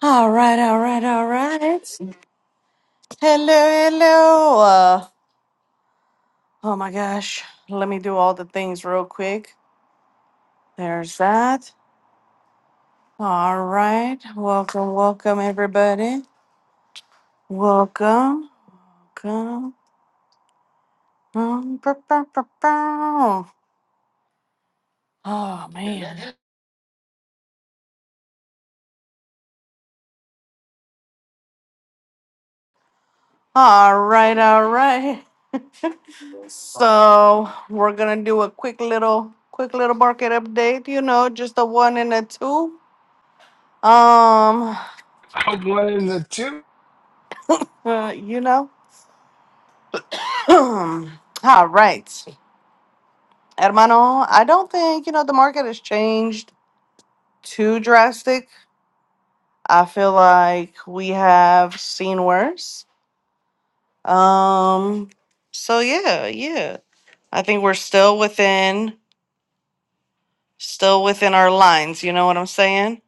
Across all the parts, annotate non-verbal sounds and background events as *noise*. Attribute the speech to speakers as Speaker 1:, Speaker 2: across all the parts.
Speaker 1: All right, all right, all right. Hello, hello. Uh, oh my gosh. Let me do all the things real quick. There's that. All right. Welcome, welcome, everybody. Welcome. Welcome. Um, bow, bow, bow, bow. Oh, man. All right, all right. So we're gonna do a quick little, quick little market update. You know, just a one and a two. Um,
Speaker 2: I'm one in the two.
Speaker 1: uh, you know. *clears throat* All right, hermano. I don't think you know the market has changed too drastic. I feel like we have seen worse. Um. So yeah, yeah. I think we're still within, still within our lines. You know what I'm saying?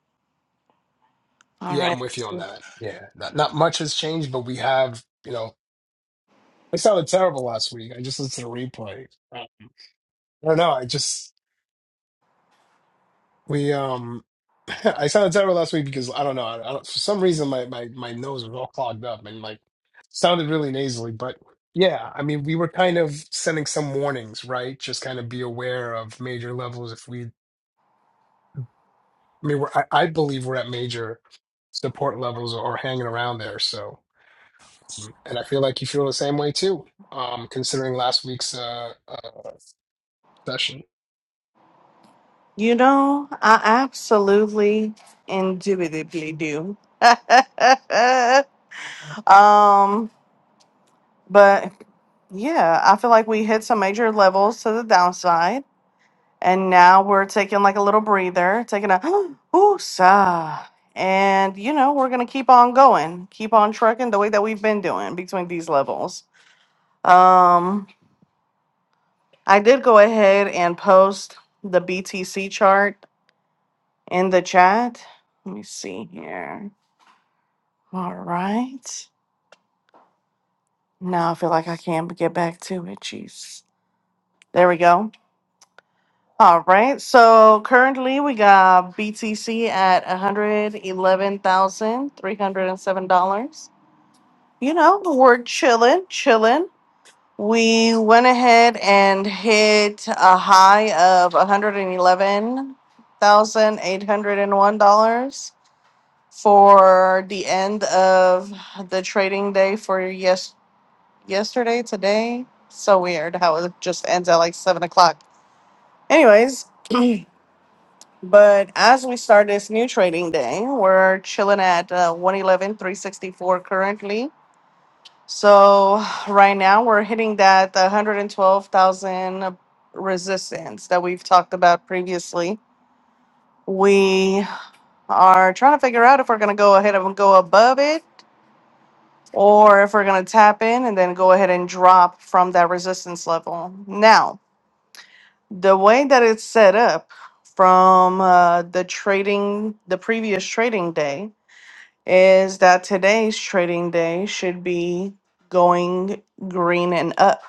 Speaker 1: All
Speaker 2: Yeah, I'm
Speaker 1: right.
Speaker 2: with you on that. Yeah, not, not much has changed, but we have, you know, I sounded terrible last week. I just listened to the replay. I don't know. I just we um, *laughs* I sounded terrible last week because I don't know. I, I don't, for some reason, my my my nose was all clogged up and like sounded really nasally. But yeah, I mean, we were kind of sending some warnings, right? Just kind of be aware of major levels. If we, I mean, we're, I, I believe we're at major support levels or hanging around there. So. And I feel like you feel the same way too, um, considering last week's uh, uh, session.
Speaker 1: You know, I absolutely indubitably do. *laughs* um, But yeah, I feel like we hit some major levels to the downside. And now we're taking like a little breather, taking a *gasps* ooh, sigh. And you know, we're gonna keep on going, keep on trucking the way that we've been doing between these levels. Um, I did go ahead and post the BTC chart in the chat. Let me see here. All right. Now I feel like I can't get back to it. Jeez. There we go. All right. So currently we got BTC at $111,307. You know, we're chilling, chilling. We went ahead and hit a high of $111,801 for the end of the trading day for yes yesterday, today. So weird how it just ends at like seven o'clock. Anyways, *clears throat* But as we start this new trading day, we're chilling at uh, 111, currently. So right now we're hitting that 112,000 resistance that we've talked about previously. We are trying to figure out if we're going to go ahead and go above it or if we're going to tap in and then go ahead and drop from that resistance level. Now, the way that it's set up from uh, the trading, the previous trading day, is that today's trading day should be going green and up.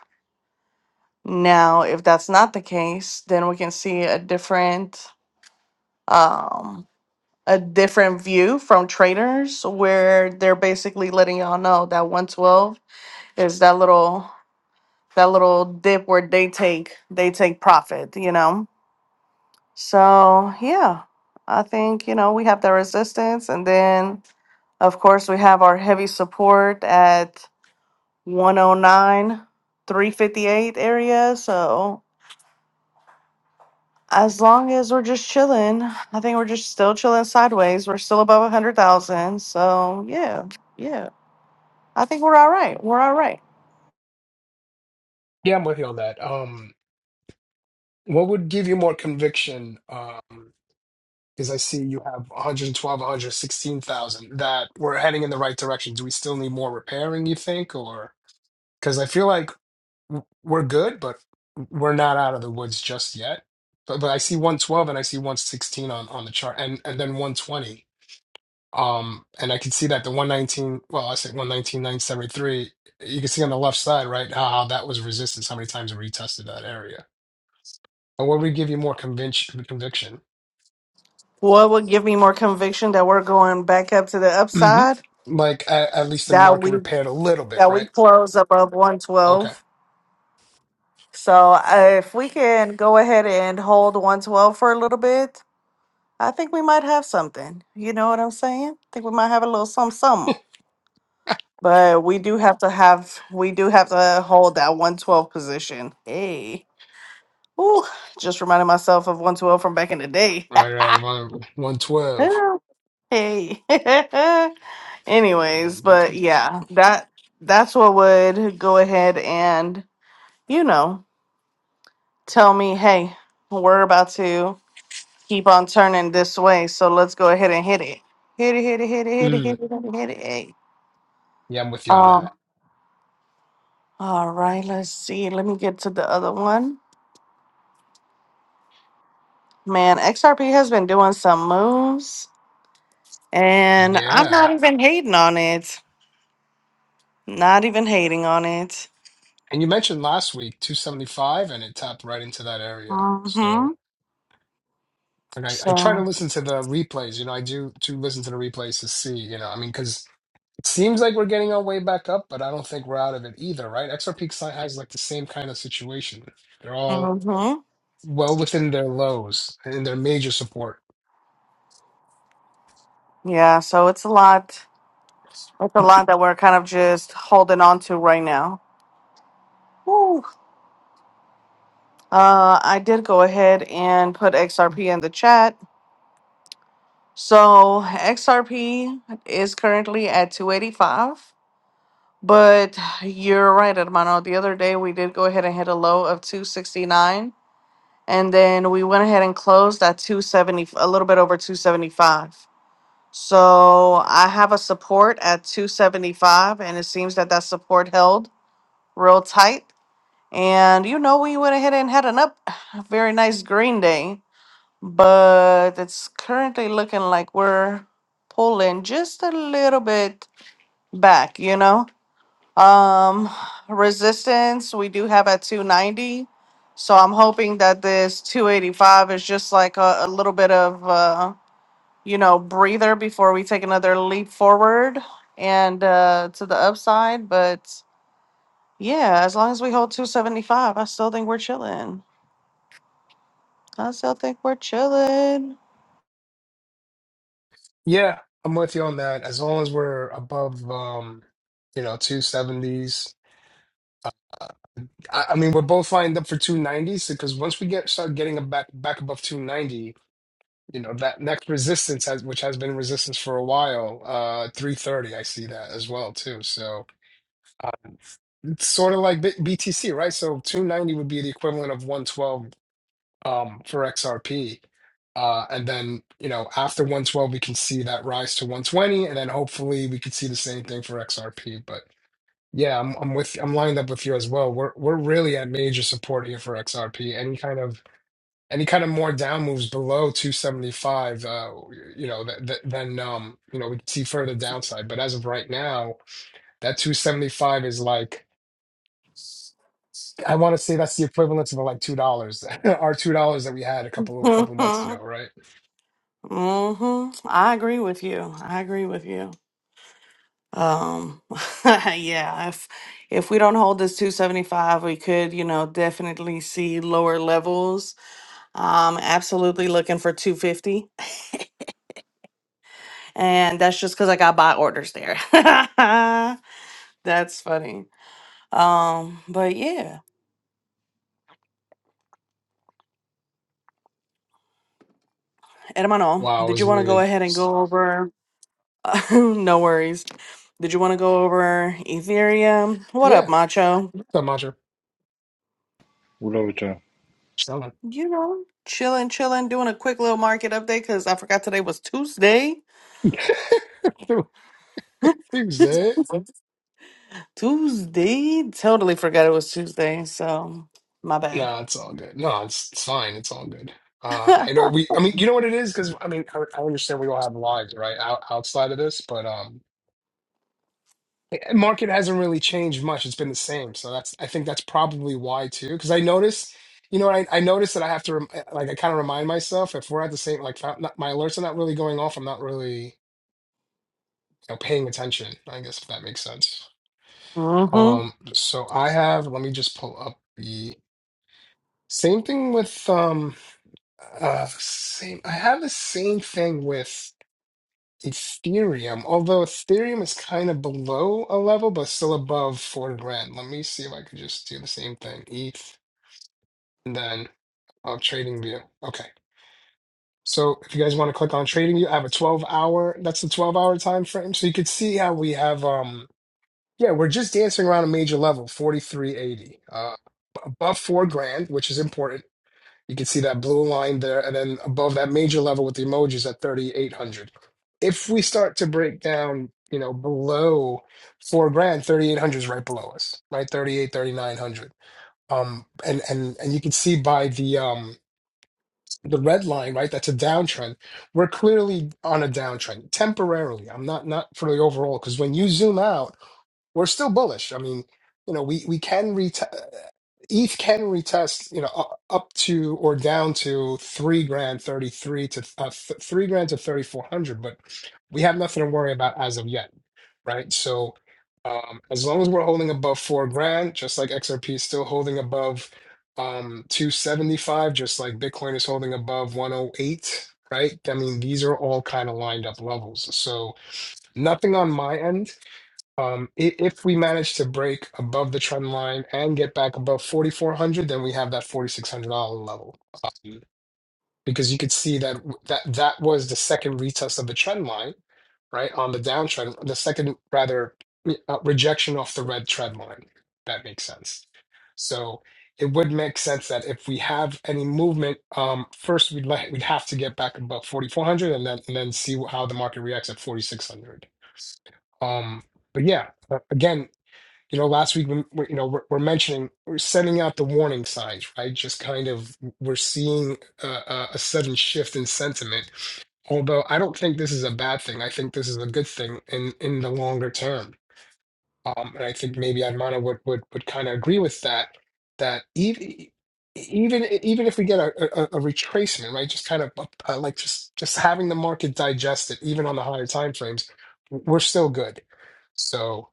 Speaker 1: Now, if that's not the case, then we can see a different um a different view from traders where they're basically letting y'all know that 112 is that little that little dip where they take they take profit, you know. So, yeah. I think, you know, we have the resistance and then of course we have our heavy support at One oh nine, three fifty eight area. So as long as we're just chilling, I think we're just still chilling sideways. We're still above 100,000. So yeah, yeah. I think we're all right. We're all right.
Speaker 2: Yeah, I'm with you on that. Um, what would give you more conviction? Um, because I see you have 112, 116,000 that we're heading in the right direction. Do we still need more repairing, you think? Or because I feel like w- we're good, but we're not out of the woods just yet. But, but I see 112 and I see 116 on, on the chart and, and then 120. Um, and I could see that the 119, well, I said 119,973, you can see on the left side, right, how that was resistance, how many times it retested that area. And what would give you more conviction, conviction?
Speaker 1: What would give me more conviction that we're going back up to the
Speaker 2: hmm
Speaker 1: upside?
Speaker 2: Like at, at least the
Speaker 1: That
Speaker 2: market
Speaker 1: we
Speaker 2: repaired a little bit,
Speaker 1: that we
Speaker 2: right?
Speaker 1: close above
Speaker 2: Okay.
Speaker 1: 112. So uh, if we can go ahead and hold 112 for a little bit, I think we might have something. You know what I'm saying? I think we might have a little something, something. But we do have to have we do have to hold that 112 position. Hey. Ooh, just reminded myself of 112 from back in the day. *laughs*
Speaker 2: Right, right, around one, 112.
Speaker 1: Yeah. hey. *laughs* Anyways,
Speaker 2: Um,
Speaker 1: but
Speaker 2: BTC.
Speaker 1: yeah, that that's what would go ahead and, you know, tell me, hey, we're about to keep on turning this way, so let's go ahead and hit it. Hit it, hit it, hit it, hit it,
Speaker 2: Mm,
Speaker 1: hit it, hit it, hit it. Hey.
Speaker 2: yeah, I'm with you on
Speaker 1: Um,
Speaker 2: that.
Speaker 1: all right, let's see. Let me get to the other one. Man, XRP has been doing some moves, and I'm not
Speaker 2: Yeah.
Speaker 1: even hating on it. Not even hating on it.
Speaker 2: And you mentioned last week 275 and it tapped right into that area.
Speaker 1: Mm-hmm.
Speaker 2: So. And I, I try to
Speaker 1: So,
Speaker 2: listen to the replays. You know, I do to listen to the replays to see. You know, I mean, because it seems like we're getting our way back up, but I don't think we're out of it either, right? XRP Sci High is like the same kind of situation. They're all
Speaker 1: mm-hmm.
Speaker 2: well within their lows and in their major support.
Speaker 1: Yeah, so it's a lot. It's a lot that we're kind of just holding on to right now. Woo. Uh, I did go ahead and put XRP in the chat. So XRP is currently at 285. But you're right, Hermano. The other day we did go ahead and hit a low of 269 and then we went ahead and closed at 270 a little bit over 275 so i have a support at 275 and it seems that that support held real tight and you know we went ahead and had an up *sighs* very nice green day but it's currently looking like we're pulling just a little bit back you know um, resistance we do have at 290. So I'm hoping that this 285 is just like a, a little bit of uh, you know, breather before we take another leap forward and uh to the upside. But yeah, as long as we hold 275, I still think we're chilling. I still think we're chilling.
Speaker 2: Yeah, I'm with you on that. As long as we're above, um, you know, two seventies. uh, I, I mean, we're both lined up for two nineties because once we get start getting a back back above two ninety, you know that next resistance has which has been resistance for a while uh 330 i see that as well too so uh, it's sort of like B- btc right so 290 would be the equivalent of 112 um for xrp uh and then you know after 112 we can see that rise to 120 and then hopefully we could see the same thing for xrp but yeah i'm, I'm with i'm lined up with you as well we're we're really at major support here for xrp any kind of any kind of more down moves below 275, uh, you know, that, that, then, um, you know, we can see further downside. But as of right now, that 275 is like, I want to say that's the equivalent of like two dollars, *laughs* our two dollars that we had a couple couple
Speaker 1: *laughs*
Speaker 2: months ago, right?
Speaker 1: hmm I agree with you. I agree with you. Um, *laughs* yeah, if if we don't hold this 275, we could, you know, definitely see lower levels. Um, absolutely looking for 250, *laughs* and that's just because I got buy orders there. *laughs* That's funny. Um, but yeah, hermano,
Speaker 2: Wow, I
Speaker 1: did
Speaker 2: was
Speaker 1: you want to go
Speaker 2: muted.
Speaker 1: ahead and go
Speaker 2: Sorry.
Speaker 1: over? *laughs* no worries. Did you want to go over Ethereum? What up,
Speaker 2: Yeah,
Speaker 1: Macho?
Speaker 2: so Mantra,
Speaker 3: Rotor.
Speaker 2: selling.
Speaker 1: You know, chilling, chilling, doing a quick little market update because I forgot today was Tuesday.
Speaker 2: *laughs* Tuesday.
Speaker 1: Tuesday. Totally forgot it was Tuesday, so my bad.
Speaker 2: No, it's all good. No, it's, it's fine. It's all good. Uh,
Speaker 1: *laughs*
Speaker 2: I know we, I mean, you know what it is? Because I mean, I, I understand we all have lives, right? Out, outside of this, but um, the market hasn't really changed much. It's been the same. So that's, I think that's probably why too. Because I noticed, you know, I, I noticed that I have to, rem eh, like, I kind of remind myself if we're at the same, like, not, not, my alerts are not really going off. I'm not really, you know, paying attention, I guess, if that makes sense.
Speaker 1: hmm
Speaker 2: Um, so I have, let me just pull up the same thing with, um. Uh, same. I have the same thing with Ethereum, although Ethereum is kind of below a level, but still above four grand. Let me see if I could just do the same thing. ETH, and then uh, trading view. Okay. So if you guys want to click on trading view, I have a 12 hour, that's the 12 hour time frame. So you could see how we have, um, yeah, we're just dancing around a major level, 4380. Uh, above four grand, which is important. You can see that blue line there, and then above that major level with the emojis at 3,800. If we start to break down, you know, below four grand, 3,800 is right below us, right? Thirty-eight, thirty-nine hundred. Um, and and and you can see by the um the red line, right? That's a downtrend. We're clearly on a downtrend temporarily. I'm not not for the overall because when you zoom out we're still bullish. I mean, you know, we we can retest ETH can retest, you know, u- up to or down to three grand thirty three to uh, th- three grand to thirty four hundred, but we have nothing to worry about as of yet, right? So um, as long as we're holding above four grand, just like XRP is still holding above um, two seventy five, just like Bitcoin is holding above one oh eight, right? I mean, these are all kind of lined up levels. So nothing on my end um, i- if we manage to break above the trend line and get back above 4,400, then we have that $4,600 level. Um, because you could see that that that was the second retest of the trend line, right? On the downtrend, the second rather uh, rejection off the red trend line. That makes sense. So it would make sense that if we have any movement, um, first we'd like we'd have to get back above 4,400 and then and then see how the market reacts at 4,600. Um, but yeah, uh, again, you know last week when you know we're, we're mentioning we're sending out the warning signs right just kind of we're seeing a, a a sudden shift in sentiment although i don't think this is a bad thing i think this is a good thing in in the longer term um and i think maybe Admana would would, would kind of agree with that that even even even if we get a, a, a retracement right just kind of uh, uh, like just just having the market digest it even on the higher time frames we're still good so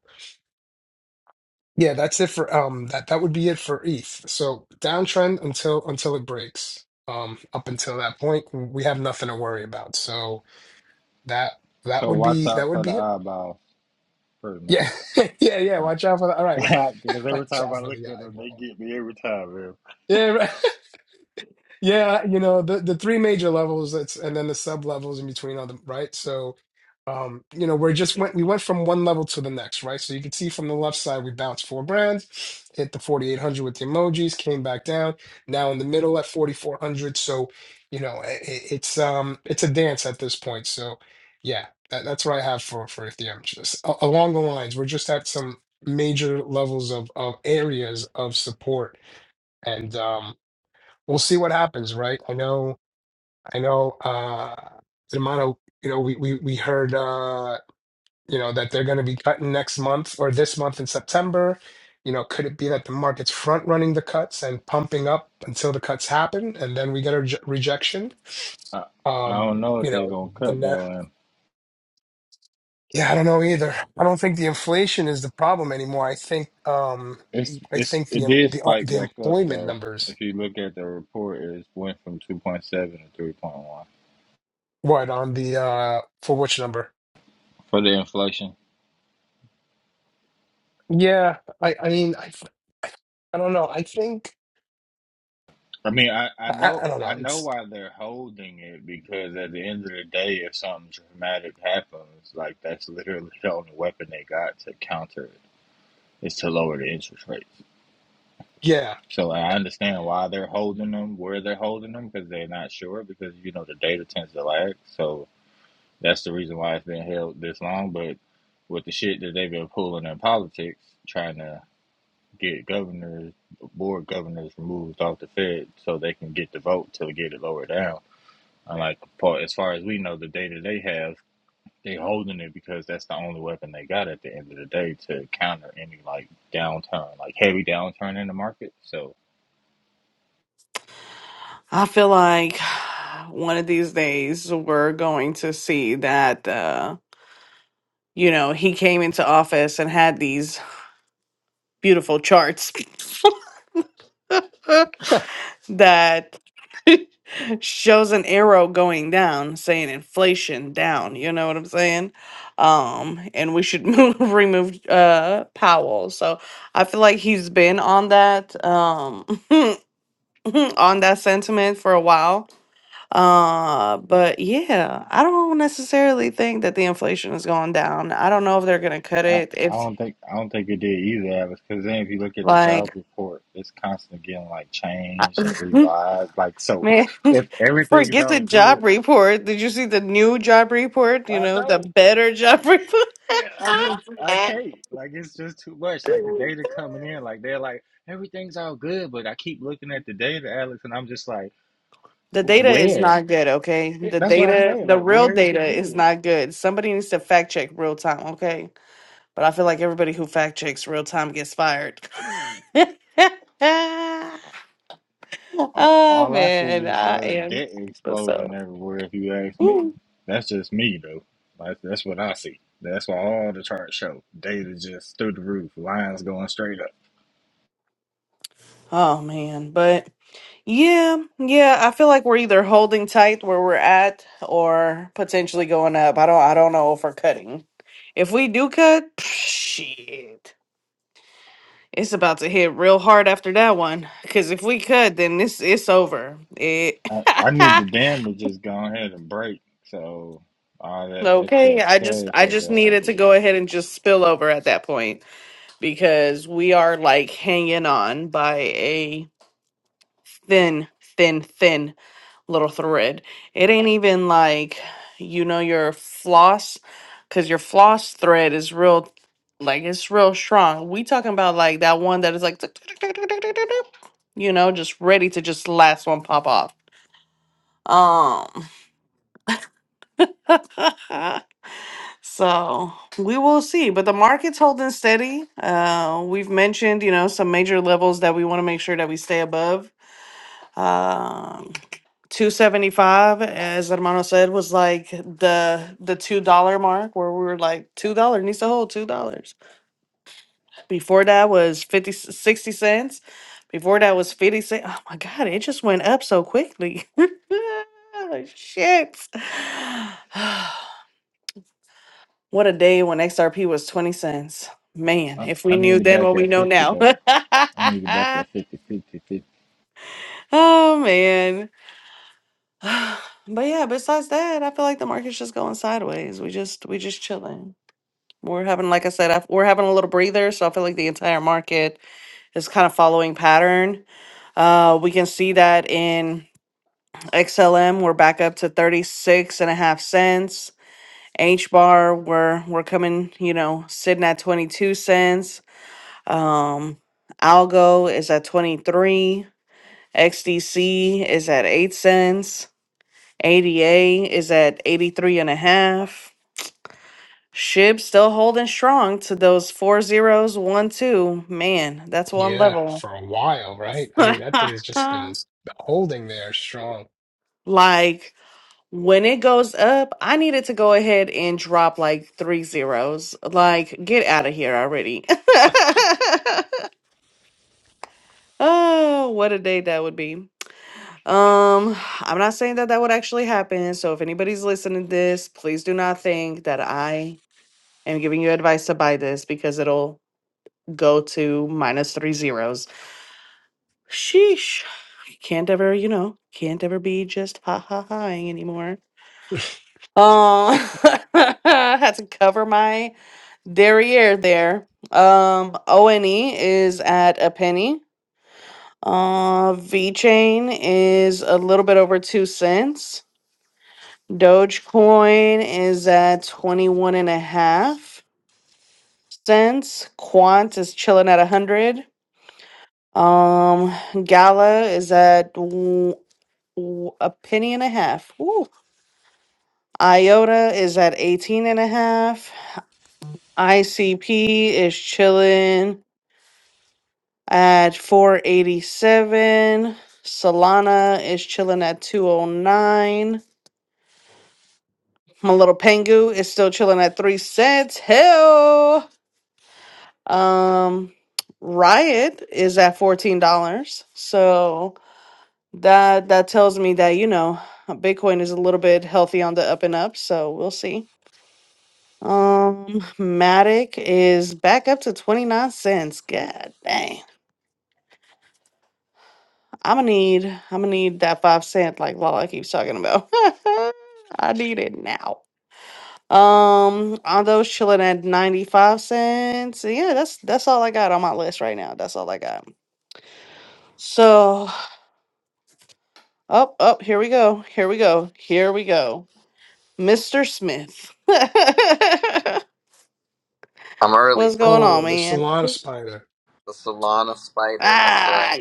Speaker 2: yeah, that's it for um that that would be it for ETH. So downtrend until until it breaks. Um, up until that point, we have nothing to worry about. So that that
Speaker 3: So
Speaker 2: would
Speaker 3: watch
Speaker 2: be that
Speaker 3: out
Speaker 2: would
Speaker 3: for the
Speaker 2: be it.
Speaker 3: eyeballs, pretty much.
Speaker 2: Yeah, *laughs* yeah, yeah.
Speaker 3: All
Speaker 2: Watch out for the all right, right.
Speaker 3: right. *laughs* because
Speaker 2: *laughs*
Speaker 3: every
Speaker 2: Watch
Speaker 3: time
Speaker 2: out
Speaker 3: I
Speaker 2: for
Speaker 3: look
Speaker 2: the
Speaker 3: at them, they
Speaker 2: eyeball.
Speaker 3: get me every time. Man.
Speaker 2: Yeah, right. Yeah, you know, the the three major levels that's and then the sub levels in between all them, right? So um, you know, we're just went we went from one level to the next, right? So you can see from the left side we bounced four brands, hit the 4800 with the emojis, came back down, now in the middle at 4400. So, you know, i it's um it's a dance at this point. So, yeah, that, that's what I have for for Ethereum. Just a- along the lines, we're just at some major levels of of areas of support and um we'll see what happens, right? I know, I know, uh, the amount of, you know, we, we, we heard, uh, you know, that they're going to be cutting next month or this month in September. You know, could it be that the market's front running the cuts and pumping up until the cuts happen and then we get a reje- rejection?
Speaker 3: I, I
Speaker 2: Um,
Speaker 3: don't know what
Speaker 2: you
Speaker 3: they're
Speaker 2: know,
Speaker 3: gonna
Speaker 2: the
Speaker 3: cut
Speaker 2: net,
Speaker 3: though, and
Speaker 2: yeah, I don't know either. I don't think the inflation is the problem anymore. I think, um,
Speaker 3: it's
Speaker 2: I
Speaker 3: it's
Speaker 2: think the,
Speaker 3: it
Speaker 2: em-
Speaker 3: did
Speaker 2: the, uh,
Speaker 3: spike
Speaker 2: the
Speaker 3: back up
Speaker 2: employment
Speaker 3: though.
Speaker 2: numbers,
Speaker 3: If you look at the report, it went from two point seven to three point one
Speaker 2: what on the, uh, for which number?
Speaker 3: for the inflation.
Speaker 2: Yeah, I, I mean, I, th- I don't know. I think
Speaker 3: I mean, I, I
Speaker 2: I, I
Speaker 3: know
Speaker 2: I don't
Speaker 3: I
Speaker 2: know.
Speaker 3: know
Speaker 2: It's
Speaker 3: why they're holding it because at the end of the day, if something dramatic happens, like that's literally the only weapon they got to counter it is to lower the interest rates.
Speaker 2: yeah,
Speaker 3: So I understand why they're holding them, where they're holding them, because they're not sure, because you know the data tends to lag. So that's the reason why it's been held this long. But with the shit that they've been pulling in politics, trying to get governors, board governors removed off the Fed so they can get the vote to get it lower down. And like Paul, as far as we know, the data they have, they holding it because that's the only weapon they got at the end of the day to counter any like downturn, like heavy downturn in the market. So
Speaker 1: I feel like *sighs* one of these days we're going to see that, uh, you know, he came into office and had these beautiful charts
Speaker 2: yeah,
Speaker 1: *laughs* that. *laughs* shows an arrow going down saying inflation down you know what i'm saying um and we should *laughs* move, remove uh powell so i feel like he's been on that um *laughs* on that sentiment for a while uh but yeah i don't necessarily think that the inflation is going down i don't know if they're gonna cut
Speaker 3: I,
Speaker 1: it
Speaker 3: I
Speaker 1: if
Speaker 3: don't think I don't think it did either, because then if you look at the
Speaker 1: like
Speaker 3: jobs report, it's constantly getting like changed and
Speaker 1: *laughs*
Speaker 3: revised. Like so,
Speaker 1: Man,
Speaker 3: *laughs*
Speaker 1: *laughs*
Speaker 3: if everything's
Speaker 1: forget the
Speaker 3: all
Speaker 1: job
Speaker 3: good,
Speaker 1: report. Did you see the new job report? You
Speaker 3: I
Speaker 1: know, the
Speaker 3: know.
Speaker 1: better job *laughs* report.
Speaker 3: Yeah, I just I can't. Like it's just too much. Like the data coming in, like they're like everything's all good, but I keep looking at the data, Alex, and I'm just like,
Speaker 1: the data is
Speaker 3: where?
Speaker 1: not good, okay? The
Speaker 3: That's what I'm
Speaker 1: data,
Speaker 3: saying.
Speaker 1: the
Speaker 3: Like
Speaker 1: real
Speaker 3: where is
Speaker 1: data
Speaker 3: it
Speaker 1: is
Speaker 3: good?
Speaker 1: not good. Somebody needs to fact check real time, okay? But I feel like everybody who fact checks real time gets fired. *laughs*
Speaker 3: All,
Speaker 1: oh
Speaker 3: all I see
Speaker 1: man,
Speaker 3: is
Speaker 1: I
Speaker 3: uh,
Speaker 1: am.
Speaker 3: debt
Speaker 1: What's
Speaker 3: exploding
Speaker 1: up?
Speaker 3: everywhere. If you ask me,
Speaker 1: Woo.
Speaker 3: that's just me though. Like that's what I see. That's what all the charts show. Data just through the roof. Lines going straight up.
Speaker 1: Oh man, but Yeah, yeah, I feel like we're either holding tight where we're at or potentially going up. I don't I don't know if we're cutting. If we do cut, *sniffs* shit. It's about to hit real hard after that one cuz if we cut then this it's over. It
Speaker 3: I,
Speaker 1: *laughs*
Speaker 3: I need the dam to just go ahead and break. So all that
Speaker 1: Okay,
Speaker 3: excess
Speaker 1: I just
Speaker 3: cash
Speaker 1: I
Speaker 3: I
Speaker 1: just
Speaker 3: got, I
Speaker 1: needed to go
Speaker 3: forget.
Speaker 1: ahead and just spill over at that point because we are like hanging on by a thin thin thin little thread. It ain't even like you know your floss cuz your floss thread is real like it's real strong. We talking about like that one that is like tick, tick, tick, tick, tick, tick, tick, tick, you know just ready to just last one pop off. Um *laughs* so we will see, but the market's holding steady. Uh we've mentioned, you know, some major levels that we want to make sure that we stay above. Um 275 as hermano said was like the the two dollar mark where we were like two dollar needs to hold two dollars before that was 50 60 cents before that was 50 cents oh my god it just went up so quickly *laughs* shit *sighs* what a day when xrp was 20 cents man
Speaker 3: I,
Speaker 1: if
Speaker 3: I
Speaker 1: we knew
Speaker 3: need it
Speaker 1: then
Speaker 3: back
Speaker 1: what we
Speaker 3: at
Speaker 1: know
Speaker 3: fifty
Speaker 1: now
Speaker 3: though. I need it back at fifty, fifty, fifty
Speaker 1: *laughs* oh man *sighs* But yeah, besides that, I feel like the market's just going sideways. We just we just chilling. We're having, like I said, I, we're having a little breather. So I feel like the entire market is kind of following pattern. Uh, we can see that in XLM, we're back up to 36 and a half cents. H bar, we're we're coming, you know, sitting at 22 cents. Um, Algo is at 23. XDC is at 8 cents. ADA is at 83 and a half. SHIB still holding strong to those four zeros, one, two. Man, that's
Speaker 2: *laughs*
Speaker 1: one
Speaker 2: yeah.
Speaker 1: level.
Speaker 2: for a while, right?
Speaker 1: *laughs*
Speaker 2: I mean, that thing's just been holding there strong.
Speaker 1: like when it goes up, I needed to go ahead and drop like three zeros. Like, get out of here already. *laughs* oh, what a day that would be. Um, I'm not saying that that would actually happen. So if anybody's listening to this, please do not think that I i am giving you advice to buy this because it'll go to minus three zeros. Sheesh. Can't ever, you know, can't ever be just ha ha haing anymore. Uh, *laughs* had to cover my derriere there. Um, ONE is at a penny. Uh, V Chain is a little bit over two cents. Dogecoin is at 21 and a half cents. Quant is chilling at 100. Um, Gala is at w- w- a penny and a half. Ooh. IOTA is at 18 and a half. ICP is chilling at 487. Solana is chilling at 209. My little Pengu is still chilling at 3 cents. Hell. Um Riot is at $14. So that that tells me that you know bitcoin is a little bit healthy on the up and up so we'll see um matic is back up to 29 cents god dang i'm gonna need i'm gonna need that five cent like lala keeps talking about *laughs* i need it now um on those chilling at 95 cents yeah that's that's all i got on my list right now that's all i got so up oh, up here we go here we go here we go Mr. Smith. *laughs*
Speaker 4: I'm early
Speaker 1: What's
Speaker 4: for
Speaker 1: going on,
Speaker 2: Oh, the
Speaker 4: once.
Speaker 1: man?
Speaker 2: Solana spider.
Speaker 4: The Solana spider, that's
Speaker 1: Ah,
Speaker 4: right.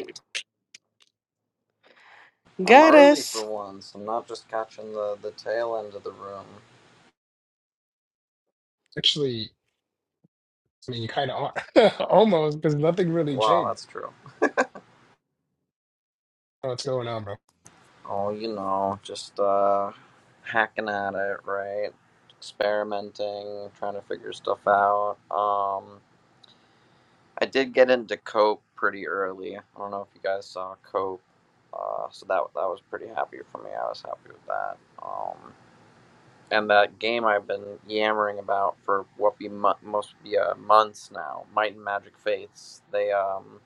Speaker 4: I'm
Speaker 1: got
Speaker 4: early for
Speaker 1: us.
Speaker 4: once. I'm not just catching the, the tail end of the room.
Speaker 2: Actually, I mean, you kind of are *laughs* almost because nothing really
Speaker 4: Wow,
Speaker 2: changed.
Speaker 4: that's true.
Speaker 2: I don't know What's going on, bro?
Speaker 4: Oh, you know, just uh hacking at it, right? Experimenting, trying to figure stuff out. Um I did get into Cope pretty early. I don't know if you guys saw Cope. Uh so that that was pretty happy for me. I was happy with that. Um. and that game I've been yammering about for what be mo- most be uh, months now, Might and Magic Faiths. They um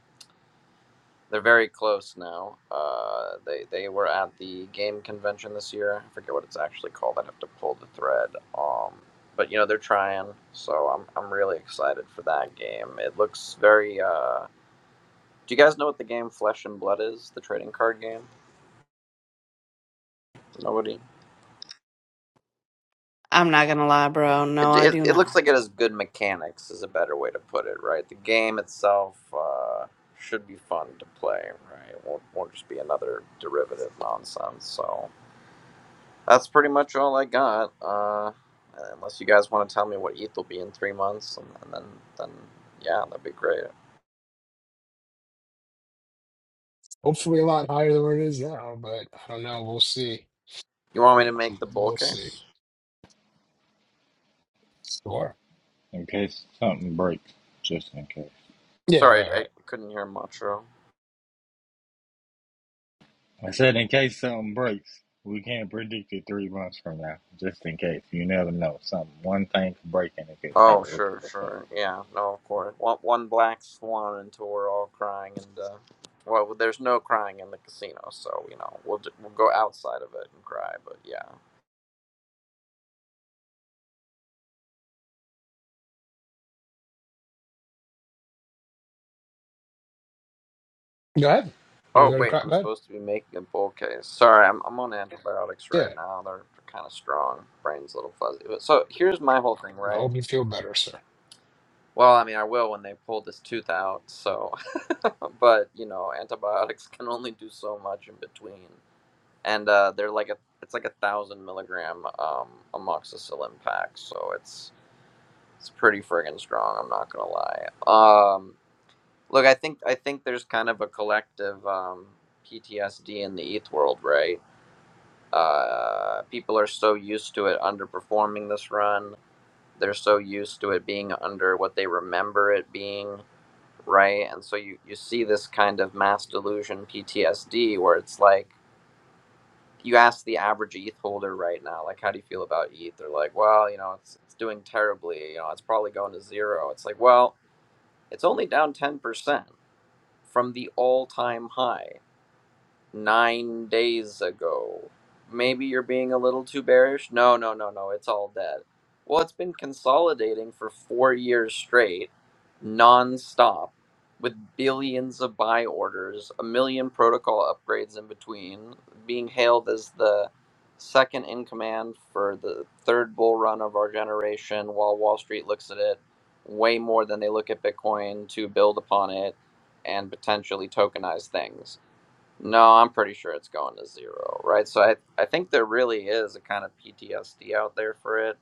Speaker 4: they're very close now. Uh, they they were at the game convention this year. I forget what it's actually called. I'd have to pull the thread. Um, but you know they're trying, so I'm I'm really excited for that game. It looks very. Uh, do you guys know what the game Flesh and Blood is? The trading card game. Nobody.
Speaker 1: I'm not gonna lie, bro. No,
Speaker 4: It,
Speaker 1: I
Speaker 4: it,
Speaker 1: do
Speaker 4: it looks like it
Speaker 1: not.
Speaker 4: has good mechanics, is a better way to put it, right? The game itself uh, should be fun to play, right? It won't, won't just be another derivative nonsense. So that's pretty much all I got. Uh, unless you guys want to tell me what ETH will be in three months, and, and then, then yeah, that'd be great.
Speaker 2: Hopefully, a lot higher than where it is now, but I don't know. We'll see.
Speaker 4: You want me to make the bull
Speaker 2: We'll see.
Speaker 4: case?
Speaker 2: Sure.
Speaker 3: in case something breaks. Just in case.
Speaker 2: Yeah.
Speaker 4: Sorry,
Speaker 2: Right.
Speaker 4: I
Speaker 2: Right.
Speaker 4: couldn't hear much. Ro.
Speaker 3: I said in case something breaks, we can't predict it three months from now. Just in case, you never know. Some one thing could break and it could have
Speaker 4: Oh,
Speaker 3: a ripple
Speaker 4: sure,
Speaker 3: effect.
Speaker 4: sure. Yeah, no, of course. One, one black swan until we're all crying, and uh, well, well, there's no crying in the casino, so you know we'll ju- we'll go outside of it and cry. But yeah.
Speaker 2: Go ahead. You were
Speaker 4: Oh
Speaker 2: gonna
Speaker 4: wait,
Speaker 2: cry. Go
Speaker 4: I'm
Speaker 2: ahead.
Speaker 4: supposed to be making a bull case. Sorry, I'm I'm on antibiotics right
Speaker 2: Yeah.
Speaker 4: now. They're kind of strong. Brain's a little fuzzy. But- So here's my whole thing,
Speaker 2: I
Speaker 4: right?
Speaker 2: hope you feel better, sir.
Speaker 4: Well, I mean, I will when they pull this tooth out. So, *laughs* but you know, antibiotics can only do so much in between. and uh, they're like a it's like a thousand milligram um, amoxicillin pack, so it's it's pretty friggin' strong. I'm not gonna lie. Um, look, I think I think there's kind of a collective um, PTSD in the ETH world, right? Uh, people are so used to it underperforming this run. They're so used to it being under what they remember it being, right? And so you you see this kind of mass delusion PTSD where it's like you ask the average ETH holder right now, like, how do you feel about ETH? They're like, well, you know, it's, it's doing terribly. You know, it's probably going to zero. It's like, well, it's only down 10% from the all time high nine days ago. Maybe you're being a little too bearish. No, no, no, no. It's all dead. Well, it's been consolidating for four years straight, nonstop, with billions of buy orders, a million protocol upgrades in between, being hailed as the second in command for the third bull run of our generation while Wall Street looks at it way more than they look at Bitcoin to build upon it and potentially tokenize things no, I'm pretty sure it's going to zero, right? So I, I think there really is a kind of PTSD out there for it,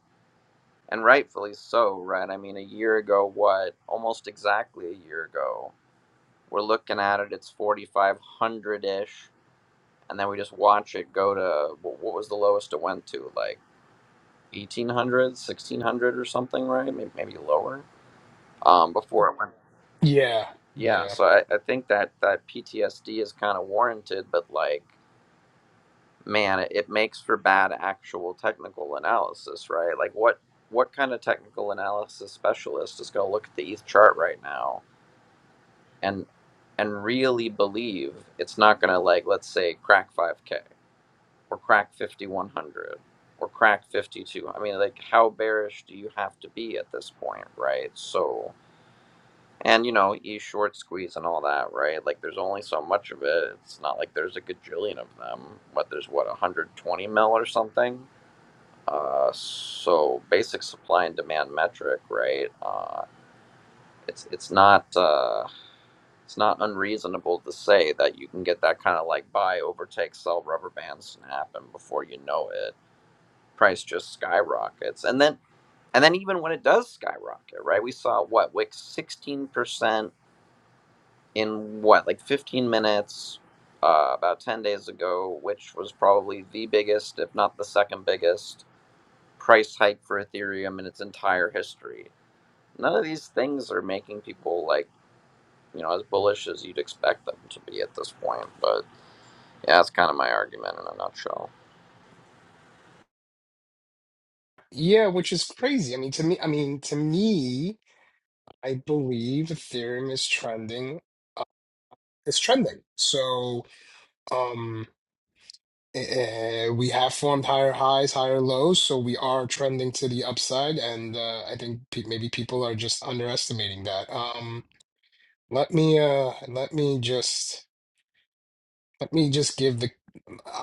Speaker 4: and rightfully so, right? I mean, a year ago, what? Almost exactly a year ago, we're looking at it, it's 4,500 ish, and then we just watch it go to wh- what was the lowest it went to? Like 1,800, 1,600, or something, right? Maybe, maybe lower um, before it went.
Speaker 2: Yeah.
Speaker 4: Yeah,
Speaker 2: Yeah.
Speaker 4: so I, I think that, that PTSD is kind of warranted, but like, man, it, it makes for bad actual technical analysis, right? Like what what kind of technical analysis specialist is going to look at the ETH chart right now and and really believe it's not going to like let's say crack 5k or crack 5100 or crack 52. I mean, like how bearish do you have to be at this point, right? So and you know, E short squeeze and all that, right? Like there's only so much of it. It's not like there's a gajillion of them. What there's what 120 mil or something uh, so basic supply and demand metric, right? Uh, it's it's not uh, it's not unreasonable to say that you can get that kind of like buy, overtake, sell, rubber bands and happen before you know it. Price just skyrockets, and then and then even when it does skyrocket, right? We saw what like sixteen percent in what like fifteen minutes. Uh, about 10 days ago, which was probably the biggest, if not the second biggest, price hike for Ethereum in its entire history. none of these things are making people like you know as bullish as you'd expect them to be at this point but yeah that's kind of my argument in a nutshell
Speaker 2: Yeah, which is crazy. I mean, to me, I mean, to me, I believe Ethereum is trending, uh, is trending. So, um, eh, eh, we have formed higher highs, higher lows, so we are trending to the upside, and uh, I think pe maybe people are just underestimating that. Um, let me, uh, let me just, let me just give the.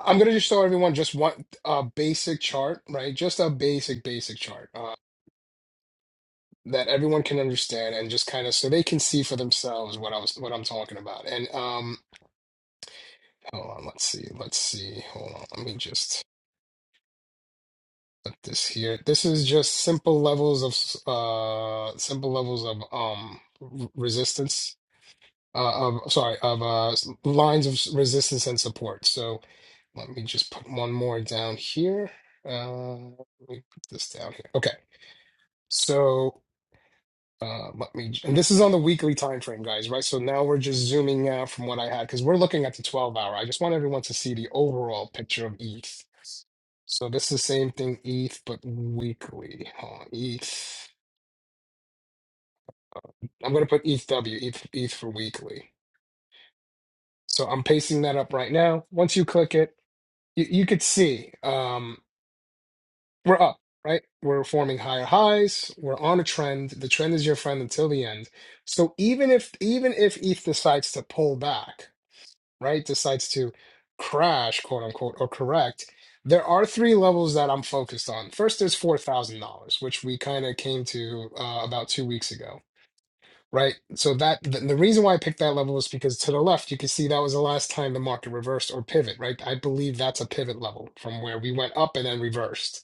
Speaker 2: I'm gonna just show everyone just one uh basic chart, right? Just a basic, basic chart. Uh, that everyone can understand and just kind of so they can see for themselves what I was what I'm talking about. And um hold on, let's see. Let's see. Hold on. Let me just put this here. This is just simple levels of s- uh simple levels of um r- resistance uh of sorry, of uh s- lines of s- resistance and support. So let me just put one more down here. Uh let me put this down here. Okay. So Uh, let me, and this is on the weekly time frame, guys, right? So now we're just zooming out from what I had because we're looking at the 12 hour. I just want everyone to see the overall picture of ETH. So this is the same thing, ETH, but weekly. Hold on, ETH. I'm going to put ETHW, ETH, ETH for weekly. So I'm pasting that up right now. Once you click it, you, you could see um, we're up, right? We're forming higher highs. We're on a trend. The trend is your friend until the end. So even if even if ETH decides to pull back, right, decides to crash, quote unquote, or correct, there are three levels that I'm focused on. First, there's $4,000, which we kind of came to uh, about two weeks ago, right? So that th- the reason why I picked that level is because to the left, you can see that was the last time the market reversed or pivot, right? I believe that's a pivot level from where we went up and then reversed.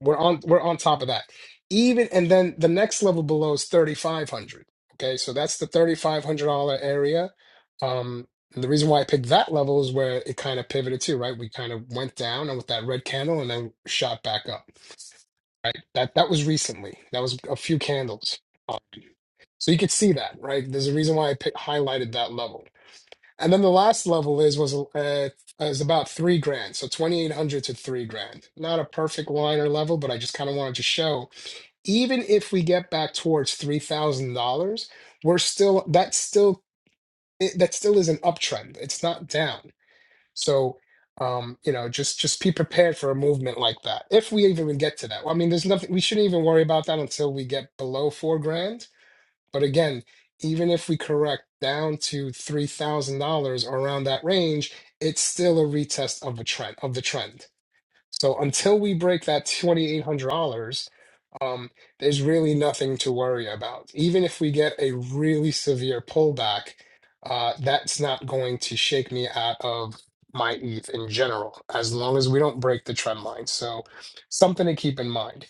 Speaker 2: We're on we're on top of that. Even and then the next level below is 3500. Okay? So that's the $3500 area. Um and the reason why I picked that level is where it kind of pivoted to, right? We kind of went down and with that red candle and then shot back up, right? That that was recently. That was a few candles. Um, so you could see that, right? There's a reason why I picked, highlighted that level. And then the last level is was uh, is about three grand, so twenty eight hundred to three grand. Not a perfect line or level, but I just kind of wanted to show. Even if we get back towards three thousand dollars, we're still that's still it, that still is an uptrend. It's not down. So, um, you know, just just be prepared for a movement like that. If we even get to that, I mean, there's nothing we shouldn't even worry about that until we get below four grand but again, even if we correct down to $3,000 or around that range, it's still a retest of a trend of the trend. So until we break that $2,800, um, there's really nothing to worry about. Even if we get a really severe pullback, uh, that's not going to shake me out of my ETH in general, as long as we don't break the trend line. So something to keep in mind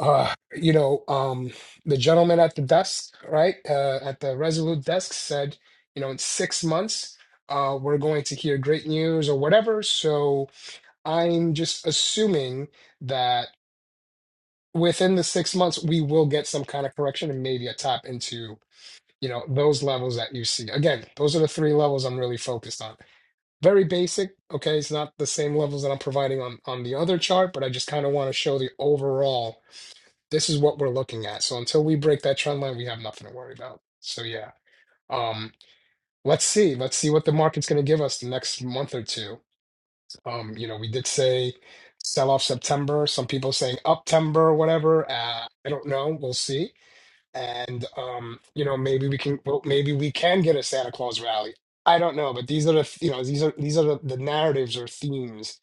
Speaker 2: uh, you know, um, the gentleman at the desk, right, uh, at the Resolute desk said, you know, in six months, uh, we're going to hear great news or whatever. So I'm just assuming that within the six months, we will get some kind of correction and maybe a tap into, you know, those levels that you see. Again, those are the three levels I'm really focused on. Very basic. Okay, it's not the same levels that I'm providing on on the other chart, but I just kind of want to show the overall this is what we're looking at. So until we break that trend line, we have nothing to worry about. So yeah, um, let's see. Let's see what the market's going to give us the next month or two. Um, you know, we did say sell off September. Some people saying Uptember or whatever. Uh, I don't know. We'll see. And um, you know, maybe we can. Well, maybe we can get a Santa Claus rally. I don't know, but these are the you know these are these are the, the narratives or themes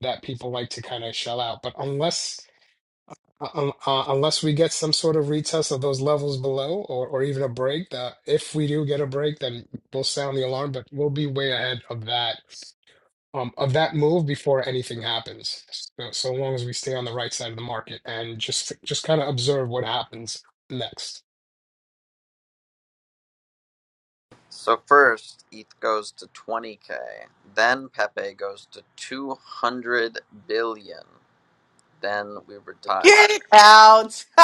Speaker 2: that people like to kind of shell out. But unless uh, um, uh, unless we get some sort of retest of those levels below or, or even a break that if we do get a break then we'll sound the alarm but we'll be way ahead of that um of that move before anything happens so, so long as we stay on the right side of the market and just just kind of observe what happens next
Speaker 4: so first eth goes to 20k then pepe goes to 200 billion then we retire
Speaker 1: Get it out. *laughs*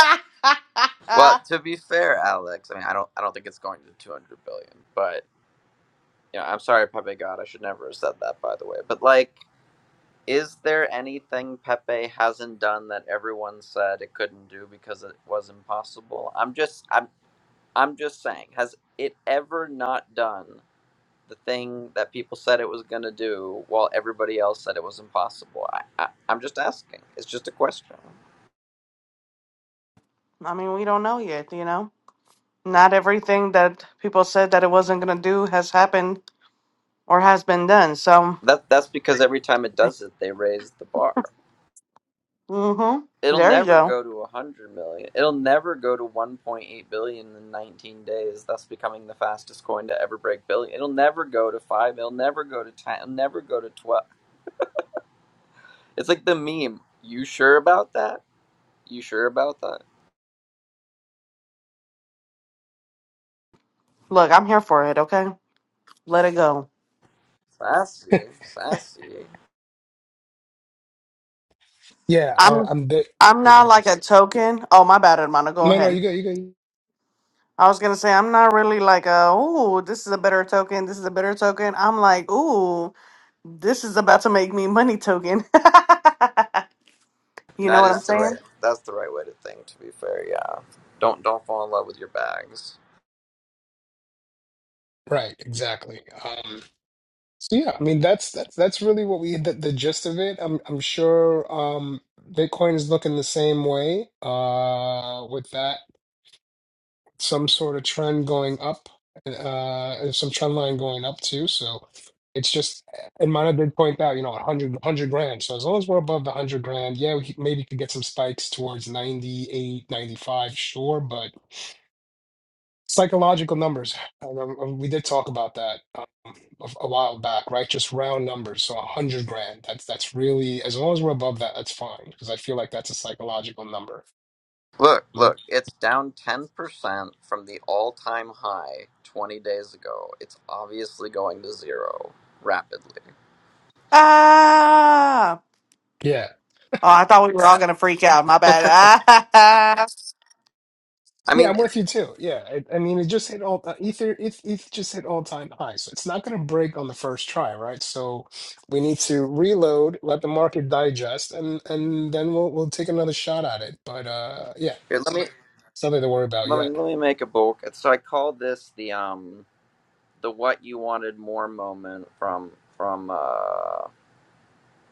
Speaker 4: well
Speaker 1: I
Speaker 4: to be fair alex i mean i don't i don't think it's going to 200 billion but you know i'm sorry pepe god i should never have said that by the way but like Is there anything Pepe hasn't done that everyone said it couldn't do because it was impossible? I'm just I'm I'm just saying, has it ever not done the thing that people said it was going to do while everybody else said it was impossible? I, I I'm just asking. It's just a question.
Speaker 1: mean, we don't know yet, you know? Not everything that people said that it wasn't gonna do has happened or has been done. So,
Speaker 4: That that's because every time it does it, they raise the bar.
Speaker 1: mm-hmm.
Speaker 4: It'll
Speaker 1: There you
Speaker 4: never
Speaker 1: go.
Speaker 4: go to 100 million. It'll never go to 1.8 billion in 19 days, thus becoming the fastest coin to ever break billion. It'll never go to 5. It'll never go to 10. It'll never go to 12. It's like the meme. You sure about that? You sure about that?
Speaker 1: Look, I'm here for it, okay? Let it go.
Speaker 4: Sassy. Sassy.
Speaker 2: yeah uh,
Speaker 1: I'm
Speaker 2: i'm bit
Speaker 1: I'm
Speaker 2: yeah
Speaker 1: not like a
Speaker 2: it's,
Speaker 1: token. Oh, my bad, Hermano. Go
Speaker 2: no no
Speaker 1: ahead.
Speaker 2: you go you go
Speaker 1: I was gonna say I'm not really like a ooh, this is a better token, this is a better token. I'm like, ooh, this is about to make me money token. *laughs* you know
Speaker 4: That
Speaker 1: what I'm
Speaker 4: is the right
Speaker 1: saying?
Speaker 4: That's the right way to think to be fair, yeah. Don't don't fall in love with your bags.
Speaker 2: right exactly Um, So yeah, I mean that's that's that's really what we the, the gist of it. I'm I'm sure um Bitcoin is looking the same way uh with that some sort of trend going up uh and some trend line going up too. So it's just and Mana did point out, you know, a hundred hundred grand. So as long as we're above the 100 grand, yeah, we could- maybe could get some spikes towards 98, 95. sure, but Psychological numbers. And, um, um, we did talk about that um, a, a while back, right? Just round numbers. So a hundred grand. That's that's really as long as we're above that, that's fine because I feel like that's a psychological number.
Speaker 4: Look, look,
Speaker 2: Mm.
Speaker 4: it's down 10% from the all time high 20 days ago. It's obviously going to zero rapidly.
Speaker 1: Ah
Speaker 2: Yeah,
Speaker 1: Oh, I thought we were all gonna freak out. My bad. Ah,
Speaker 4: I
Speaker 2: yeah,
Speaker 4: mean,
Speaker 2: I'm
Speaker 4: it-
Speaker 2: with you too. Yeah, I, I mean, it just hit all uh, ether. It, it just hit all time high, so it's not going to break on the first try, right? So we need to reload, let the market digest, and and then we'll we'll take another shot at it. But uh, yeah,
Speaker 4: here, let me
Speaker 2: it's nothing to worry about
Speaker 4: let
Speaker 2: yet.
Speaker 4: me let me make a book. So I called this the um the what you wanted more moment from from uh